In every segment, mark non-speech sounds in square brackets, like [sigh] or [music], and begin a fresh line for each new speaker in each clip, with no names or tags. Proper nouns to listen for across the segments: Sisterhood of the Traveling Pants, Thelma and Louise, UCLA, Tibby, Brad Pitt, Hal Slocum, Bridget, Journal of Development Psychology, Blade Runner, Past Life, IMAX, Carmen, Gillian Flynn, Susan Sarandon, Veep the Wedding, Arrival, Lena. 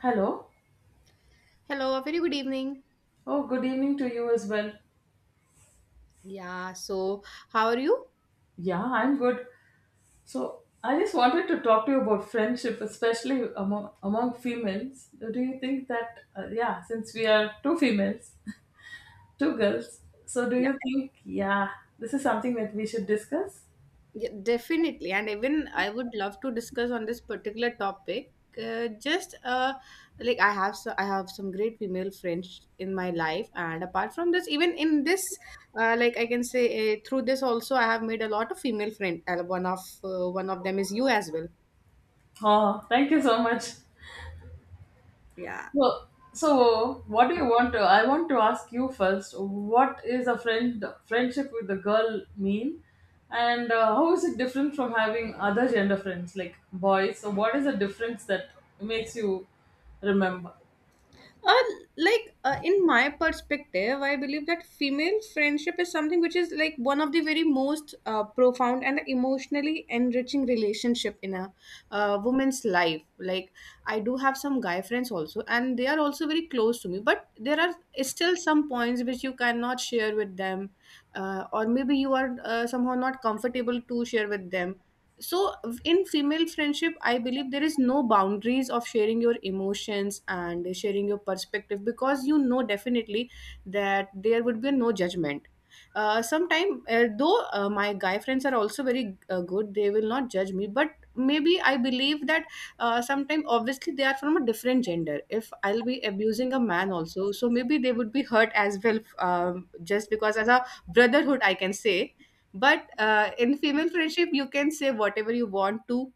Hello.
Hello, a very good evening.
Oh, good evening to you as well.
Yeah, so how are you?
Yeah, I'm good. So, I just wanted to talk to you about friendship, especially among females. Do you think that yeah, since we are two females, [laughs] two girls, so do
Yeah.
you think yeah, this is something that we should discuss?
Yeah, definitely. And even I would love to discuss on this particular topic. Just like I have I have some great female friends in my life, and apart from this, even in this, like I can say through this also, I have made a lot of female friend. One of them is you as well.
Oh, thank you so much.
Yeah.
Well, so what do you want to? I want to ask you first. What is a friendship with a girl mean, and how is it different from having other gender friends like boys? So what is the difference that makes you remember?
Uh, in my perspective, I believe that female friendship is something which is like one of the very most profound and emotionally enriching relationship in a woman's life. Like I do have some guy friends also, and they are also very close to me. But there are still some points which you cannot share with them, or maybe you are somehow not comfortable to share with them. So in female friendship, I believe there is no boundaries of sharing your emotions and sharing your perspective, because you know definitely that there would be no judgment. Uh, sometime uh, though uh, my guy friends are also very good, they will not judge me, but maybe I believe that sometime obviously they are from a different gender. If I'll be abusing a man also, so maybe they would be hurt as well, just because as a brotherhood I can say. But in female friendship, you can say whatever you want to,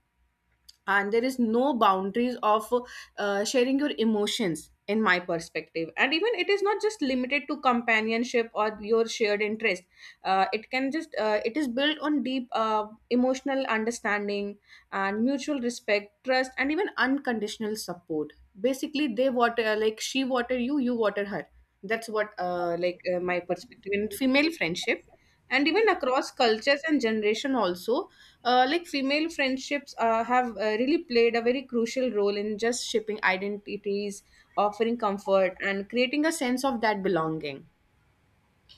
and there is no boundaries of sharing your emotions in my perspective. And even it is not just limited to companionship or your shared interest. It can just It is built on deep emotional understanding and mutual respect, trust, and even unconditional support. Basically, they water, like she water you, you water her. That's what, my perspective in female friendship. And even across cultures and generation also, like female friendships have really played a very crucial role in just shaping identities, offering comfort, and creating a sense of that belonging.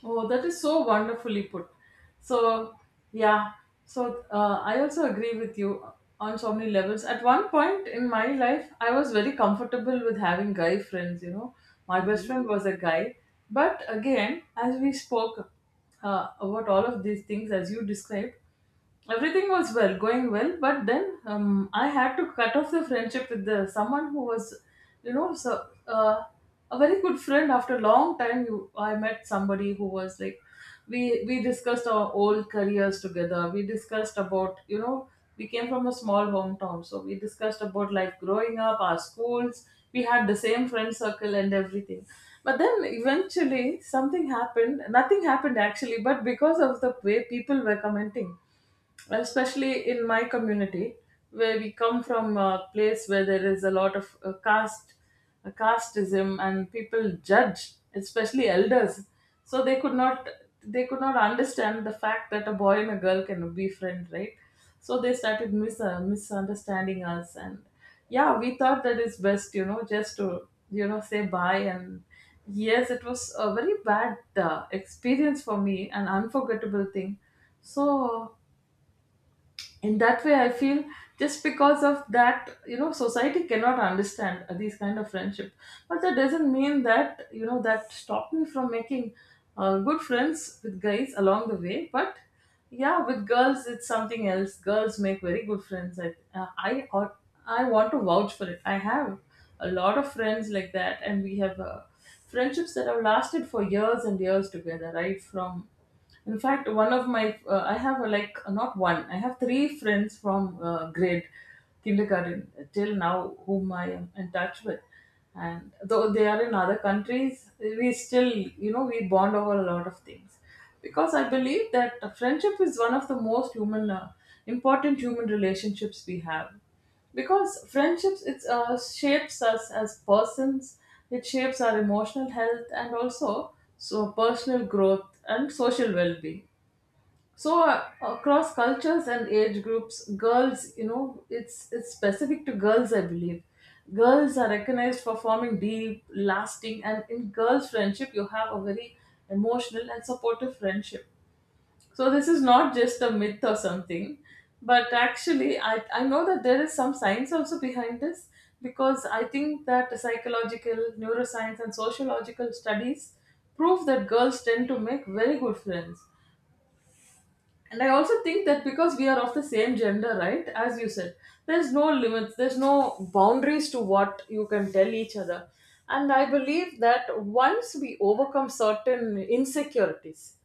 Oh, that is so wonderfully put. So, yeah. So, I also agree with you on so many levels. At one point in my life, I was very comfortable with having guy friends. My best
Mhm.
friend was a guy. But again, as we spoke about all of these things, as you described, everything was going well, but then I had to cut off the friendship with the someone who was, so, a very good friend. After a long time, I met somebody who was like, we discussed our old careers together. We discussed about, we came from a small hometown, so we discussed about life growing up, our schools. We had the same friend circle and everything, but then eventually something happened, nothing happened actually, but because of the way people were commenting, especially in my community, where we come from a place where there is a lot of caste, casteism, and people judge, especially elders. So they could not understand the fact that a boy and a girl can be friend, right? So they started misunderstanding us. And yeah, we thought that it's best, just to, say bye. And yes, it was a very bad experience for me, an unforgettable thing. So in that way I feel, just because of that, society cannot understand these kind of friendship. But that doesn't mean that, that stopped me from making good friends with guys along the way. But yeah, with girls it's something else. Girls make very good friends. I want to vouch for it. I have a lot of friends like that, and we have friendships that have lasted for years and years together, right from in fact, one of my I have a, like not one. I have three friends from grade kindergarten till now, whom I am in touch with, and though they are in other countries, we still we bond over a lot of things, because I believe that friendship is one of the most human important human relationships we have. Because friendships, it shapes us as persons, it shapes our emotional health and also so personal growth and social well-being. So across cultures and age groups, girls, it's specific to girls, I believe. Girls are recognized for forming deep, lasting, and in girls' friendship you have a very emotional and supportive friendship. So this is not just a myth or something, but actually, I know that there is some science also behind this, because I think that psychological, neuroscience, and sociological studies prove that girls tend to make very good friends. And I also think that because we are of the same gender, right? As you said, there's no limits, there's no boundaries to what you can tell each other. And I believe that once we overcome certain insecurities,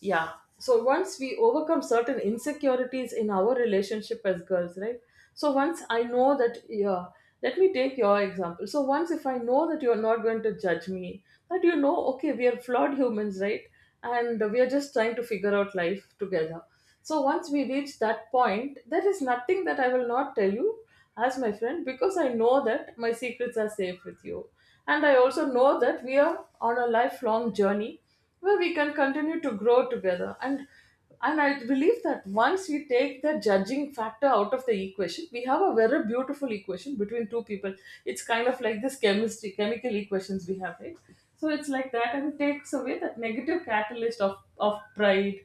yeah, so once we overcome certain insecurities in our relationship as girls, right? So once I know that, yeah, let me take your example. So once if I know that you're not going to judge me, that, okay, we are flawed humans, right? And we are just trying to figure out life together. So once we reach that point, there is nothing that I will not tell you as my friend, because I know that my secrets are safe with you. And I also know that we are on a lifelong journey where we can continue to grow together. And I believe that once we take the judging factor out of the equation, we have a very beautiful equation between two people. It's kind of like this chemistry, chemical equations we have, right? So it's like that, and it takes away that negative catalyst of, pride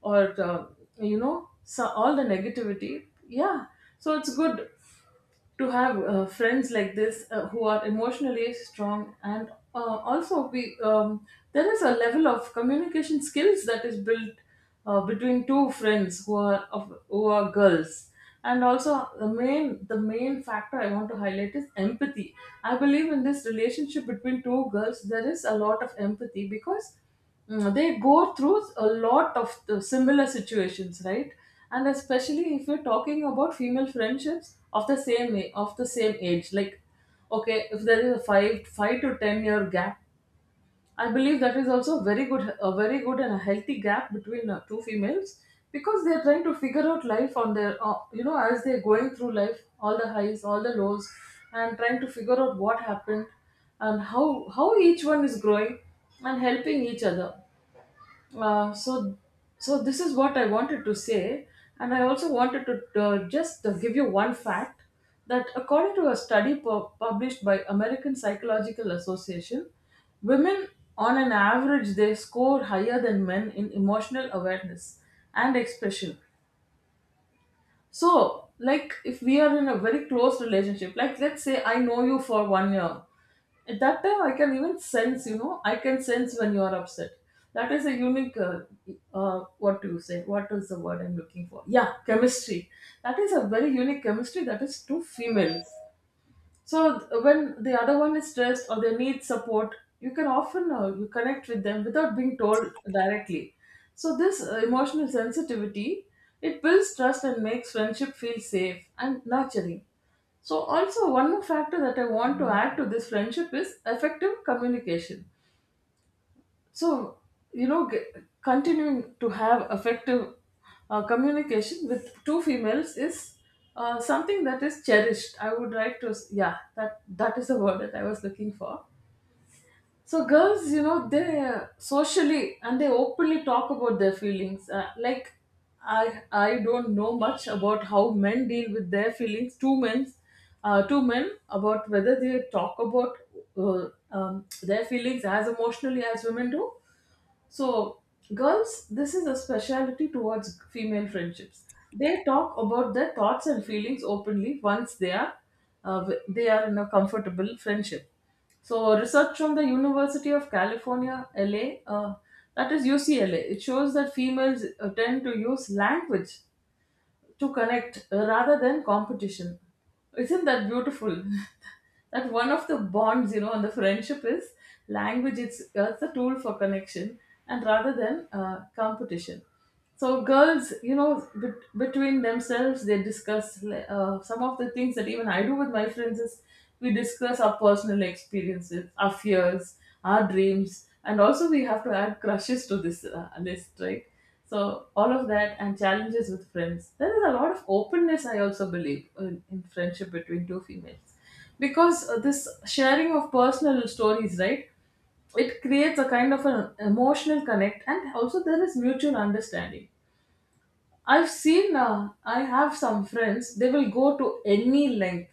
or, so all the negativity. Yeah. So it's good to have friends like this, who are emotionally strong, and also we there is a level of communication skills that is built between two friends who are of who are girls. And also the main factor I want to highlight is empathy. I believe in this relationship between two girls there is a lot of empathy, because they go through a lot of the similar situations, right? And especially if you're talking about female friendships of the same age. Like, okay, if there is a 5 to 10 year gap, I believe that is also very good and a healthy gap between two females, because they're trying to figure out life on their as they're going through life, all the highs, all the lows, and trying to figure out what happened, and how each one is growing and helping each other. Uh, so this is what I wanted to say. And I also wanted to just give you one fact, that according to a study published by American Psychological Association, women on an average they score higher than men in emotional awareness and expression. So, like, if we are in a very close relationship, like, let's say I know you for one year, at that time I can even sense, I can sense when you are upset. That is a unique, what do you say? What is the word I'm looking for? Yeah, chemistry. That is a very unique chemistry, that is two females. So when the other one is stressed or they need support, you can often you connect with them without being told directly. So this emotional sensitivity, it builds trust and makes friendship feel safe and nurturing. So also one more factor that I want to add to this friendship is effective communication. So, you know, g- continuing to have effective communication with two females is something that is cherished. I would like yeah, that is the word that I was looking for. So, girls, they socially and they openly talk about their feelings. Like, I don't know much about how men deal with their feelings. Two men, about whether they talk about their feelings as emotionally as women do. So, girls, this is a speciality towards female friendships. They talk about their thoughts and feelings openly once they are in a comfortable friendship. So, research from the University of California, LA, that is UCLA, it shows that females tend to use language to connect, rather than competition. Isn't that beautiful? [laughs] That one of the bonds, and the friendship is language. It's that's a tool for connection, and rather than competition. So girls, between themselves, they discuss some of the things that even I do with my friends is we discuss our personal experiences, our fears, our dreams, and also we have to add crushes to this list, right? So all of that, and challenges with friends. There is a lot of openness, I also believe, in friendship between two females, because this sharing of personal stories, right? It creates a kind of an emotional connect, and also there is mutual understanding. I have some friends. They will go to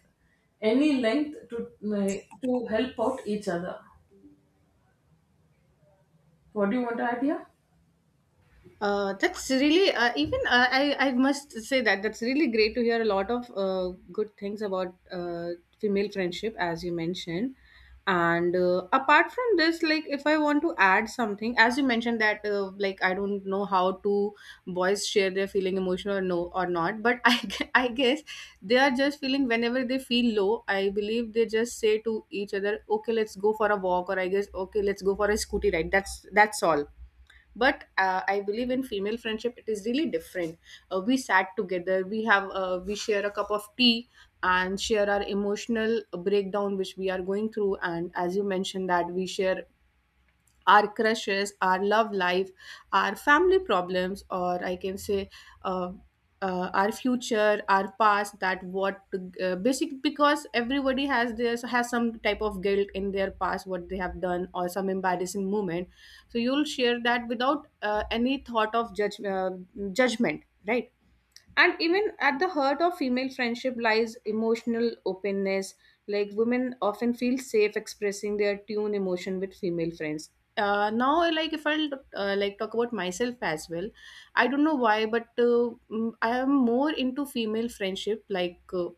any length to help out each other. What do you want to add here?
That's really, even, I must say that that's really great to hear a lot of good things about female friendship, as you mentioned. And apart from this, like if I want to add something, as you mentioned that like I don't know how to boys share their feeling emotional or no or not, but [laughs] I guess they are just feeling whenever they feel low. I believe they just say to each other, okay, let's go for a walk, or I guess okay, let's go for a scooty ride. That's all. But I believe in female friendship it is really different. We sat together, we have we share a cup of tea and share our emotional breakdown which we are going through. And as you mentioned that we share our crushes, our love life, our family problems, or I can say uh, our future, our past. That what basic, because everybody has this, has some type of guilt in their past, what they have done, or some embarrassing moment. So you'll share that without any thought of judgment, right? And even at the heart of female friendship lies emotional openness. Like women often feel safe expressing their tune emotion with female friends. Now, like if I'll like talk about myself as well, I don't know why, but I am more into female friendship. Like uh,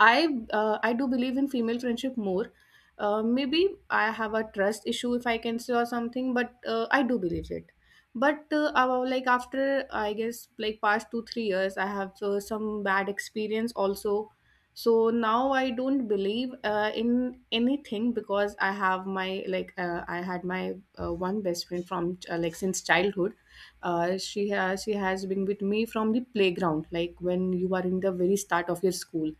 I uh, I do believe in female friendship more. Maybe I have a trust issue if I can say or something, but I do believe it. But about, like after I guess like past 2-3 years, I have some bad experience also. So now I don't believe in anything, because I have my I had my one best friend from like since childhood. She has been with me from the playground, like when you are in the very start of your school.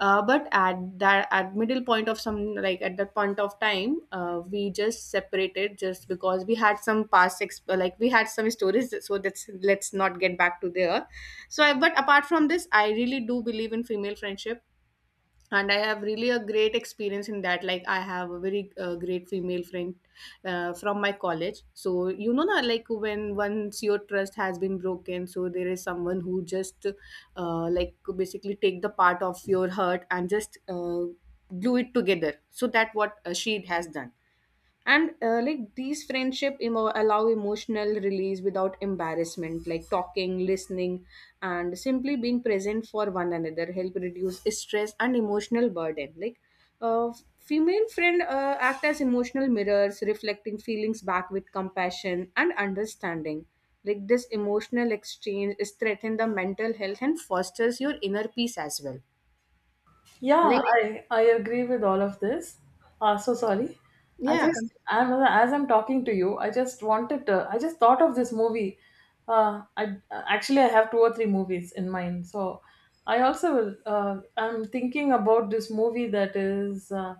But at that, at middle point of some, like at that point of time, we just separated just because we had some like we had some stories, so that's, let's not get back to there. So I, but apart from this, I really do believe in female friendship, and I have really a great experience in that. Like I have a very great female friend from my college. So you know na, like when once your trust has been broken, so there is someone who just like basically take the part of your hurt and just glue it together. So that what she has done. And like these friendship allow emotional release without embarrassment, like talking, listening, and simply being present for one another help reduce stress and emotional burden. Uh, Female friend act as emotional mirrors, reflecting feelings back with compassion and understanding. Like this emotional exchange strengthens the mental health and fosters your inner peace as well.
Yeah,
Like
I agree with all of this. So sorry.
yeah.
I'm as I'm talking to you, I just thought of this movie. I have two or three movies in mind. So I also will. I'm thinking about this movie that is. Uh,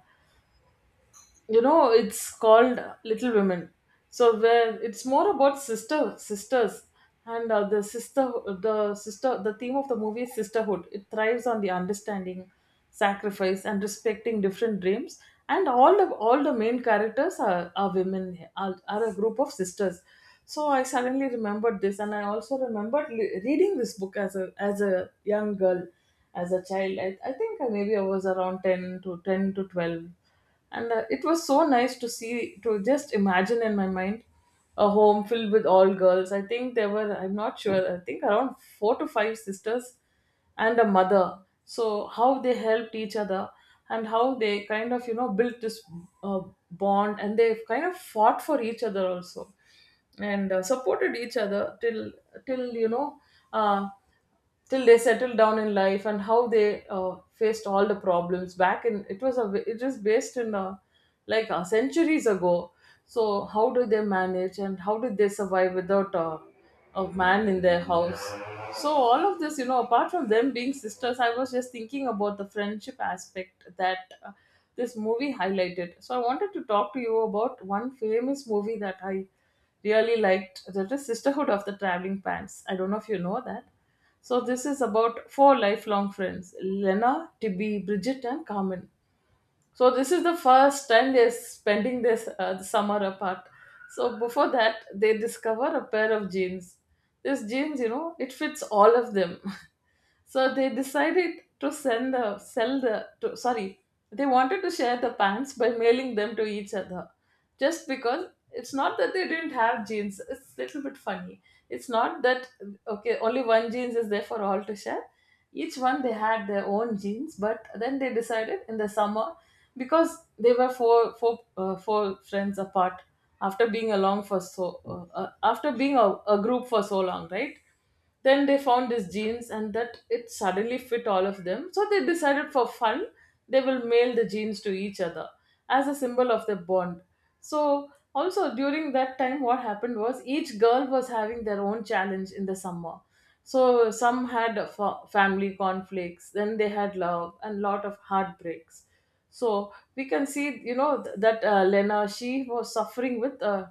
you know It's called Little Women. So where it's more about sisters and the sister, the theme of the movie is sisterhood. It thrives on the understanding, sacrifice, and respecting different dreams. And all the main characters are women, are a group of sisters. So I suddenly remembered this, and I also remembered reading this book as a young girl. As a child, I think maybe I was around 10 to 10 to 12. And it was so nice to see, to just imagine in my mind a home filled with all girls. I think there were, I'm not sure, I think around four to five sisters and a mother. So how they helped each other, and how they kind of, you know, built this uh, bond, and they kind of fought for each other also, and supported each other till, till you know uh, till they settled down in life. And how they faced all the problems back in, it was based in, centuries ago. So how do they manage, and how did they survive without a man in their house? So all of this, you know, apart from them being sisters, I was just thinking about the friendship aspect that this movie highlighted. So I wanted to talk to you about one famous movie that I really liked, that is Sisterhood of the Traveling Pants. I don't know if you know that. So this is about four lifelong friends: Lena, Tibby, Bridget, and Carmen. So this is the first time they're spending this summer apart. So before that, they discover a pair of jeans. This jeans, you know, it fits all of them. [laughs] So they decided to send the sell the to, sorry, they wanted to share the pants by mailing them to each other, just because it's not that they didn't have jeans. It's a little bit funny. It's not that okay, only one jeans is there for all to share. Each one, they had their own jeans, but then they decided in the summer, because they were four friends apart, after being along for so after being a group for so long, right? Then they found these genes, and that it suddenly fit all of them. So they decided for fun, they will mail the genes to each other as a symbol of their bond. So also during that time, what happened was each girl was having their own challenge in the summer. So some had family conflicts, then they had love and lot of heartbreaks. So we can see, you know, that Lena, she was suffering with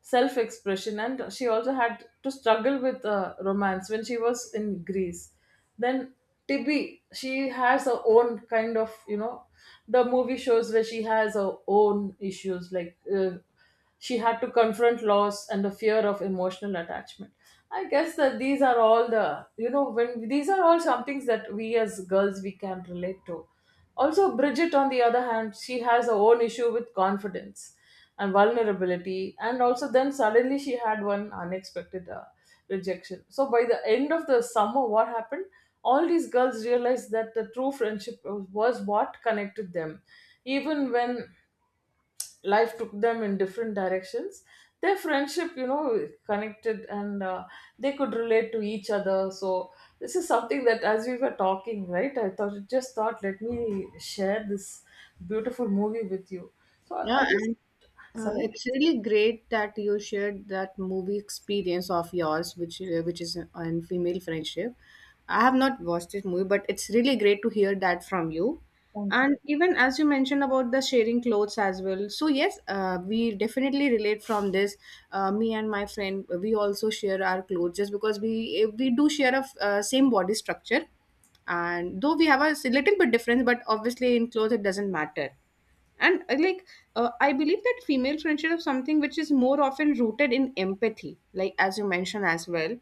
self expression, and she also had to struggle with romance when she was in Greece. Then Tibby, she has her own kind of, you know, the movie shows where she has her own issues, like she had to confront loss and the fear of emotional attachment. I guess that these are all the, you know, when these are all some things that we as girls we can relate to. Also, Bridget, on the other hand, she has her own issue with confidence and vulnerability, and also then suddenly she had one unexpected rejection. So by the end of the summer, what happened, all these girls realized that the true friendship was what connected them, even when life took them in different directions. Their friendship, you know, connected and they could relate to each other. So this is something that as we were talking right, I thought, let me share this beautiful movie with you. So i
Yeah,
I just
and
sorry.
it's really great that you shared that movie experience of yours, which is on female friendship. I have not watched this movie, but it's really great to hear that from you.
Thank you.
And even as you mentioned about the sharing clothes as well. So yes, we definitely relate from this. Me and my friend, we also share our clothes just because we do share a same body structure, and though we have a little bit difference, but obviously in clothes it doesn't matter. And I believe that female friendship is something which is more often rooted in empathy, like as you mentioned as well.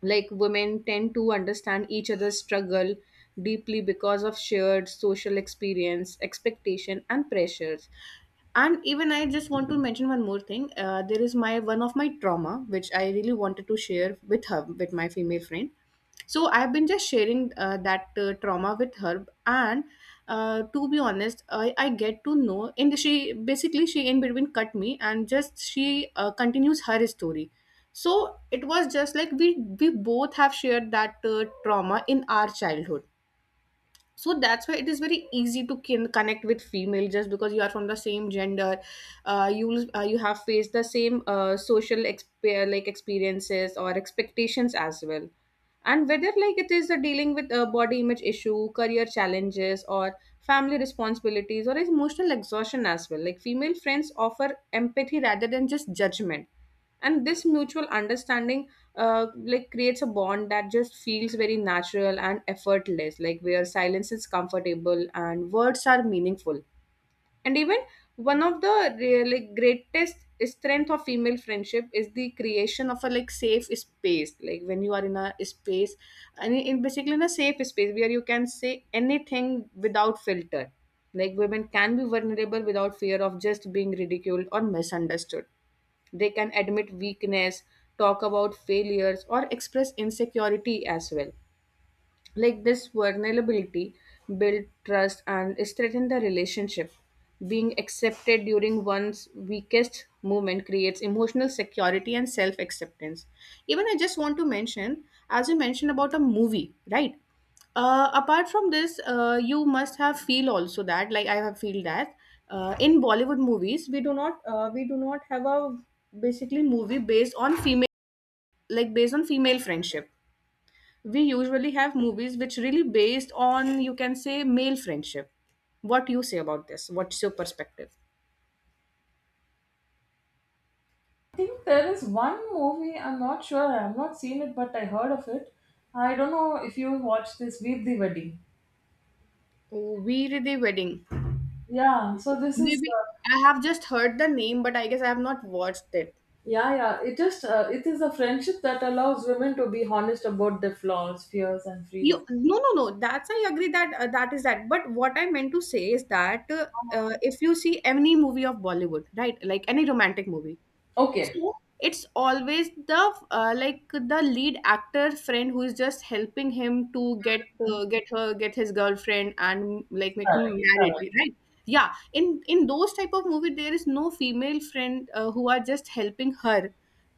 Like women tend to understand each other's struggle deeply because of shared social experience, expectation, and pressures. And even I just want to mention one more thing. There is my one of my trauma which I really wanted to share with her, with my female friend. So I've been just sharing that trauma with her. And to be honest, I get to know, and she basically she in between cut me and just she continues her story. So it was just like we both have shared that trauma in our childhood. So that's why it is very easy to connect with female, just because you are from the same gender. You have faced the same social like experiences or expectations as well. And whether like it is dealing with a body image issue, career challenges, or family responsibilities, or emotional exhaustion as well, like female friends offer empathy rather than just judgment. And this mutual understanding like creates a bond that just feels very natural and effortless, like where silence is comfortable and words are meaningful. And even one of the really greatest strength of female friendship is the creation of a like safe space. Like when you are in a space, and in basically in a safe space where you can say anything without filter, like women can be vulnerable without fear of just being ridiculed or misunderstood. They can admit weakness, talk about failures, or express insecurity as well. Like this vulnerability build trust and strengthen the relationship. Being accepted during one's weakest moment creates emotional security and self acceptance. Even I just want to mention, as you mentioned about a movie, right? Apart from this, you must have feel also that like I have feel that in Bollywood movies, we do not have a basically movie based on female, like based on female friendship. We usually have movies which really based on, you can say, male friendship. What you say about this? What's your perspective?
I think there is one movie, I'm not sure, I have not seen it, but I heard of it. I don't know if you watched this, Veep the Wedding.
Oh, Veer the Wedding.
Yeah, so this is,
Maybe I have just heard the name, but I guess I have not watched it.
yeah, it just, it is a friendship that allows women to be honest about their flaws, fears, and freedom.
You, no, no, no, that's, I agree that that is that, but what I meant to say is that if you see any movie of Bollywood, right, like any romantic movie.
Okay,
So it's always the like the lead actor friend who is just helping him to get, get her, get his girlfriend and like make him married,
correct.
right? Yeah, in those type of movie, there is no female friend who are just helping her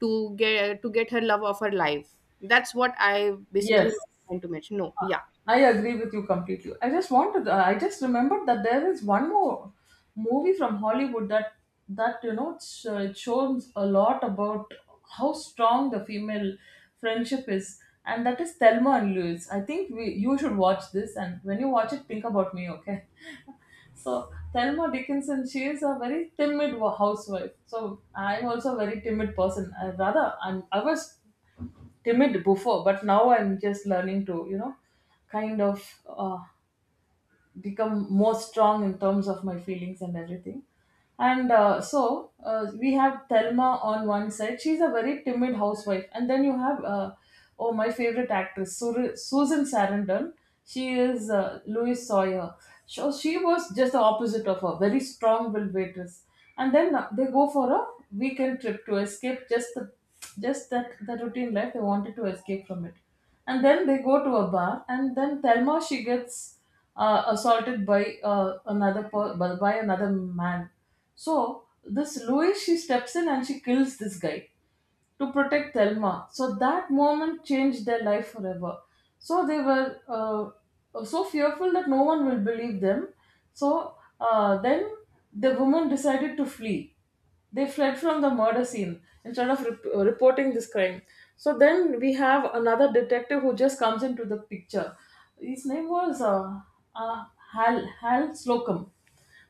to get, to get her love of her life. That's what I basically
Yes,
want to mention. No, yeah.
I agree with you completely. I just remembered that there is one more movie from Hollywood that you know it's, it shows a lot about how strong the female friendship is, and that is Thelma and Louise. I think we you should watch this, and when you watch it, think about me, okay? [laughs] So Thelma Dickinson, she is a very timid housewife. So I'm also a very timid person. I, rather, I was timid before, but now I'm just learning to, you know, kind of become more strong in terms of my feelings and everything. And we have Thelma on one side. She's a very timid housewife. And then you have, oh, my favorite actress, Susan Sarandon. She is Louise Sawyer. So she was just the opposite of her, very strong willed waitress. And then they go for a weekend trip to escape just the, just that the routine life. They wanted to escape from it. And then they go to a bar, and then Thelma, she gets assaulted by by another man. So this Louis, she steps in and she kills this guy to protect Thelma. So that moment changed their life forever. So they were so fearful that no one will believe them. So then the woman decided to flee. They fled from the murder scene instead of reporting this crime. So then we have another detective who just comes into the picture. His name was uh, Hal Slocum.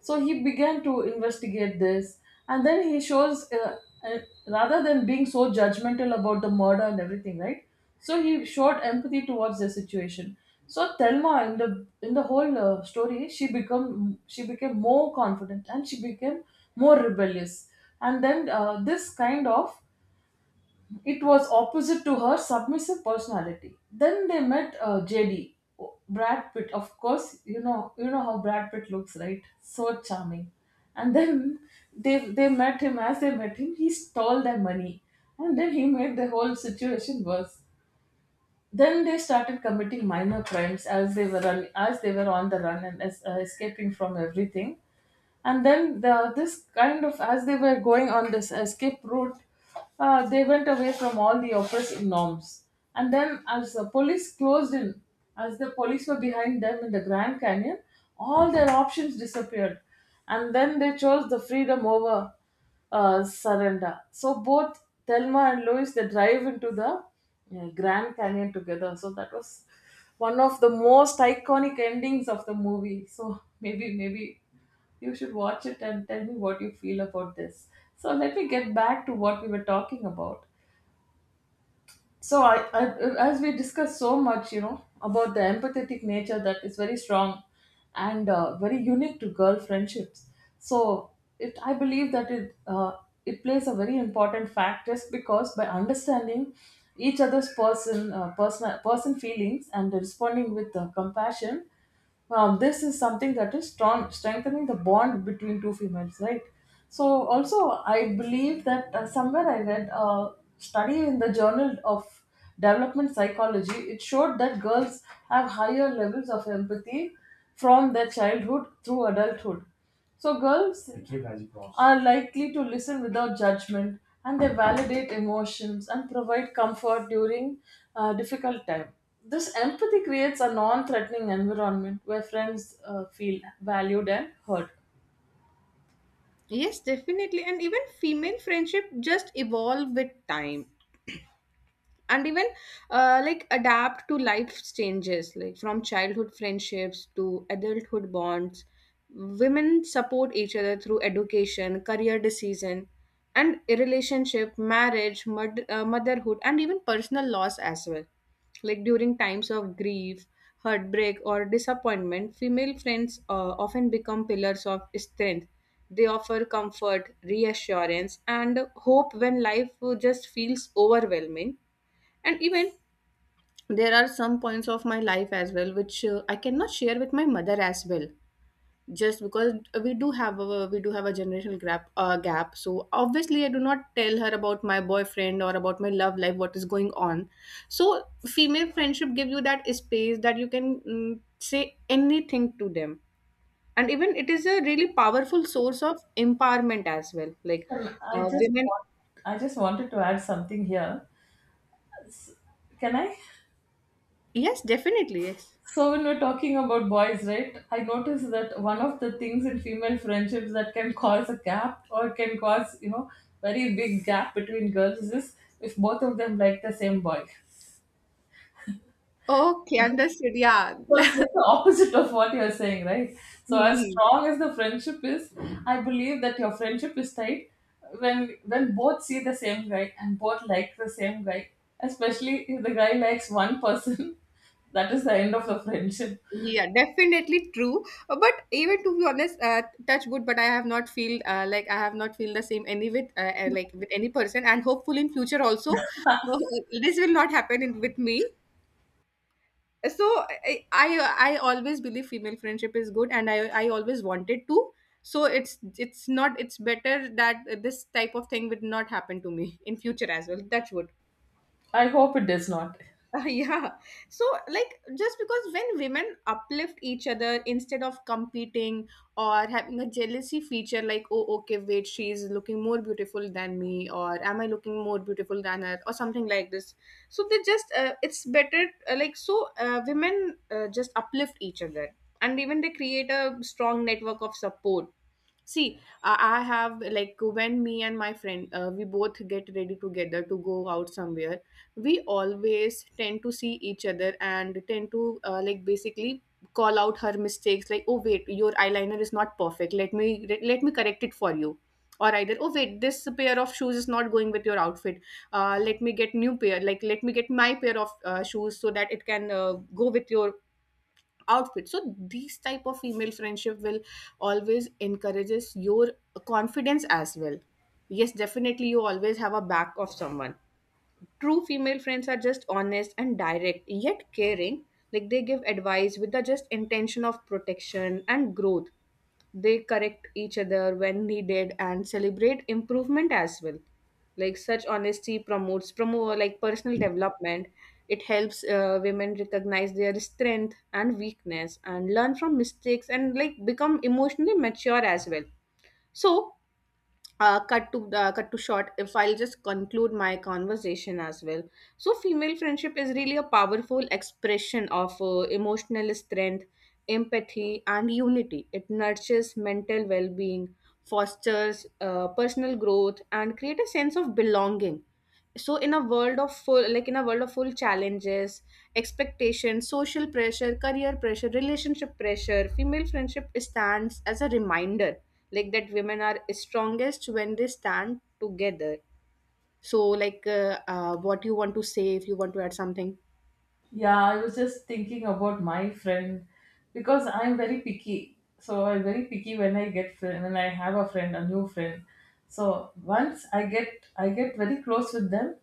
So he began to investigate this, and then he shows, uh, rather than being so judgmental about the murder and everything, right? So he showed empathy towards the situation. So Thelma, in the whole story, she became more confident, and she became more rebellious. And then this kind of, it was opposite to her submissive personality. Then they met JD, oh, Brad Pitt. Of course, you know, how Brad Pitt looks, right? So charming. And then they met him. As they met him, he stole their money, and then he made the whole situation worse. Then they started committing minor crimes as they were on the run and escaping from everything. And then this kind of, as they were going on this escape route, they went away from all the oppressive norms. And then as the police closed in, as the police were behind them in the Grand Canyon, all their options disappeared. And then they chose the freedom over surrender. So both Thelma and Louise, they drive into the Grand Canyon together. So that was one of the most iconic endings of the movie. So [laughs] maybe you should watch it and tell me what you feel about this. So let me get back to what we were talking about. So I, as we discussed so much, you know, about the empathetic nature that is very strong and very unique to girl friendships. So it, I believe that it plays a very important fact, just because by understanding each other's person person person feelings and responding with compassion. Now, this is something that is strengthening the bond between two females, right? So, also, I believe that somewhere I read a study in the Journal of Development Psychology. It showed that girls have higher levels of empathy from their childhood through adulthood. So, girls are likely to listen without judgment, and they validate emotions and provide comfort during difficult time. This empathy creates a non-threatening environment where friends feel valued and heard.
Yes, definitely. And even female friendship just evolve with time. And even like adapt to life's changes, like from childhood friendships to adulthood bonds. Women support each other through education, career decision, and relationship, marriage, motherhood, and even personal loss as well. Like during times of grief, heartbreak, or disappointment, female friends often become pillars of strength. They offer comfort, reassurance, and hope when life just feels overwhelming. And even there are some points of my life as well which I cannot share with my mother as well, just because we do have a generational gap gap. So obviously I do not tell her about my boyfriend or about my love life, what is going on. So female friendship gives you that space that you can say anything to them. And even it is a really powerful source of empowerment as well, like
Um, i just
women.
want, I just wanted to add something here, can I?
Yes, definitely, yes.
So when we're talking about boys, right? I noticed that one of the things in female friendships that can cause a gap, or can cause, you know, very big gap between girls is if both of them like the same boy.
Okay, understood, yeah.
So it's
[laughs]
just the opposite of what you're saying, right? So as
Mhm.
strong as the friendship is, I believe that your friendship is tight when both see the same guy and both like the same guy. Especially if the guy likes one person, [laughs] that is the end of the friendship.
Yeah, definitely true. But even to be honest, touch wood, but I have not feel like I have not feel the same any with like with any person, and hopeful in future also, [laughs] uh, this will not happen in, with me. So I I always believe female friendship is good, and I always wanted to. So it's not it's better that this type of thing would not happen to me in future as well. Touch wood.
I hope it does not.
[laughs] Yeah. So like, just because when women uplift each other instead of competing or having a jealousy feature, like oh okay wait, she's looking more beautiful than me, or am I looking more beautiful than her, or something like this. So they just it's better, like, so women just uplift each other, and even they create a strong network of support. See, I have, like when me and my friend we both get ready together to go out somewhere, we always tend to see each other and tend to like basically call out her mistakes, like oh wait, your eyeliner is not perfect, let me correct it for you. Or either, oh wait, this pair of shoes is not going with your outfit, let me get new pair, like let me get my pair of shoes, so that it can go with your outfit. So these type of female friendship will always encourages your confidence as well. Yes, definitely, you always have a back of someone. True female friends are just honest and direct, yet caring. Like they give advice with the just intention of protection and growth. They correct each other when needed and celebrate improvement as well. Like such honesty promote like personal development. It helps women recognize their strength and weakness and learn from mistakes, and like become emotionally mature as well. So cut to short, if I'll just conclude my conversation as well. So female friendship is really a powerful expression of emotional strength, empathy, and unity. It nurtures mental well-being, fosters personal growth, and create a sense of belonging. So in a world of full, like in a world of full challenges, expectations, social pressure, career pressure, relationship pressure, female friendship stands as a reminder, like that women are strongest when they stand together. So like, what you want to say, if you want to add something.
Yeah, I was just thinking about my friend, because I'm very picky. So I'm very picky when I get friend, when I have a friend, a new friend. So once I get, I get very close with them,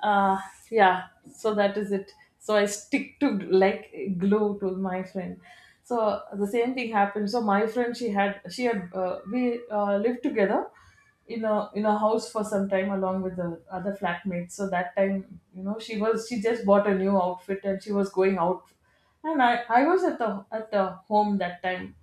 uh, yeah. So that is it. So I stick to, like, glue to my friend. So the same thing happened. So my friend, she had we lived together in a house for some time along with the other flatmates. So that time, you know, she just bought a new outfit and she was going out, and I was at the home that time.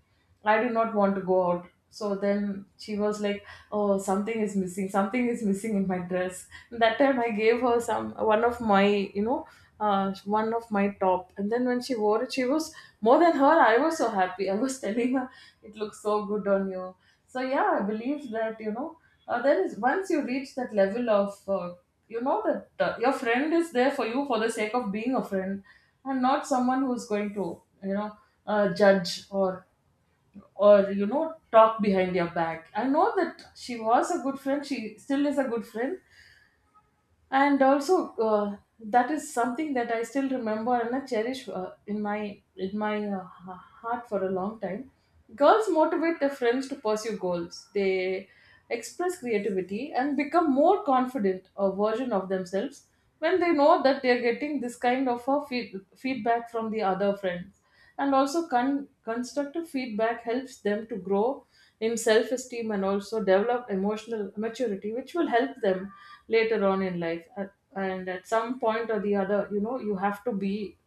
I did not want to go out. So then she was like, oh, something is missing, something is missing in my dress. That time I gave her some, one of my, you know, one of my top, and then when she wore it, she was more than her. I was so happy, I was [laughs] telling her it looks so good on you. So yeah, I believe that, you know, there is, once you reach that level of you know that your friend is there for you for the sake of being a friend, and not someone who's going to, you know, judge or, you know, talk behind your back. I know that she was a good friend, she still is a good friend. And also that is something that I still remember, and I cherish in heart for a long time. Girls motivate their friends to pursue goals, they express creativity and become more confident a version of themselves when they know that they are getting this kind of a feedback from the other friends. And also constructive feedback helps them to grow in self-esteem and also develop emotional maturity, which will help them later on in life. And at some point or the other, you know, you have to be,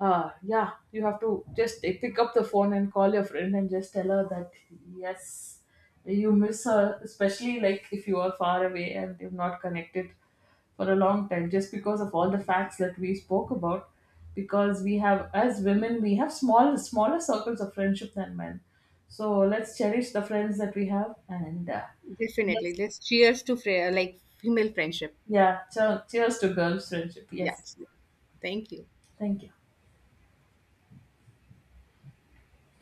yeah, you have to just pick up the phone and call your friend and just tell her that yes, you miss her, especially like if you are far away and you've not connected for a long time, just because of all the facts that we spoke about. Because we have, as women, we have smaller circles of friendship than men. So let's cherish the friends that we have. And
Definitely,
let's-
let's cheers to like female friendship.
yeah, so cheers to girls friendship, yes.
Yes, thank you.
Thank you.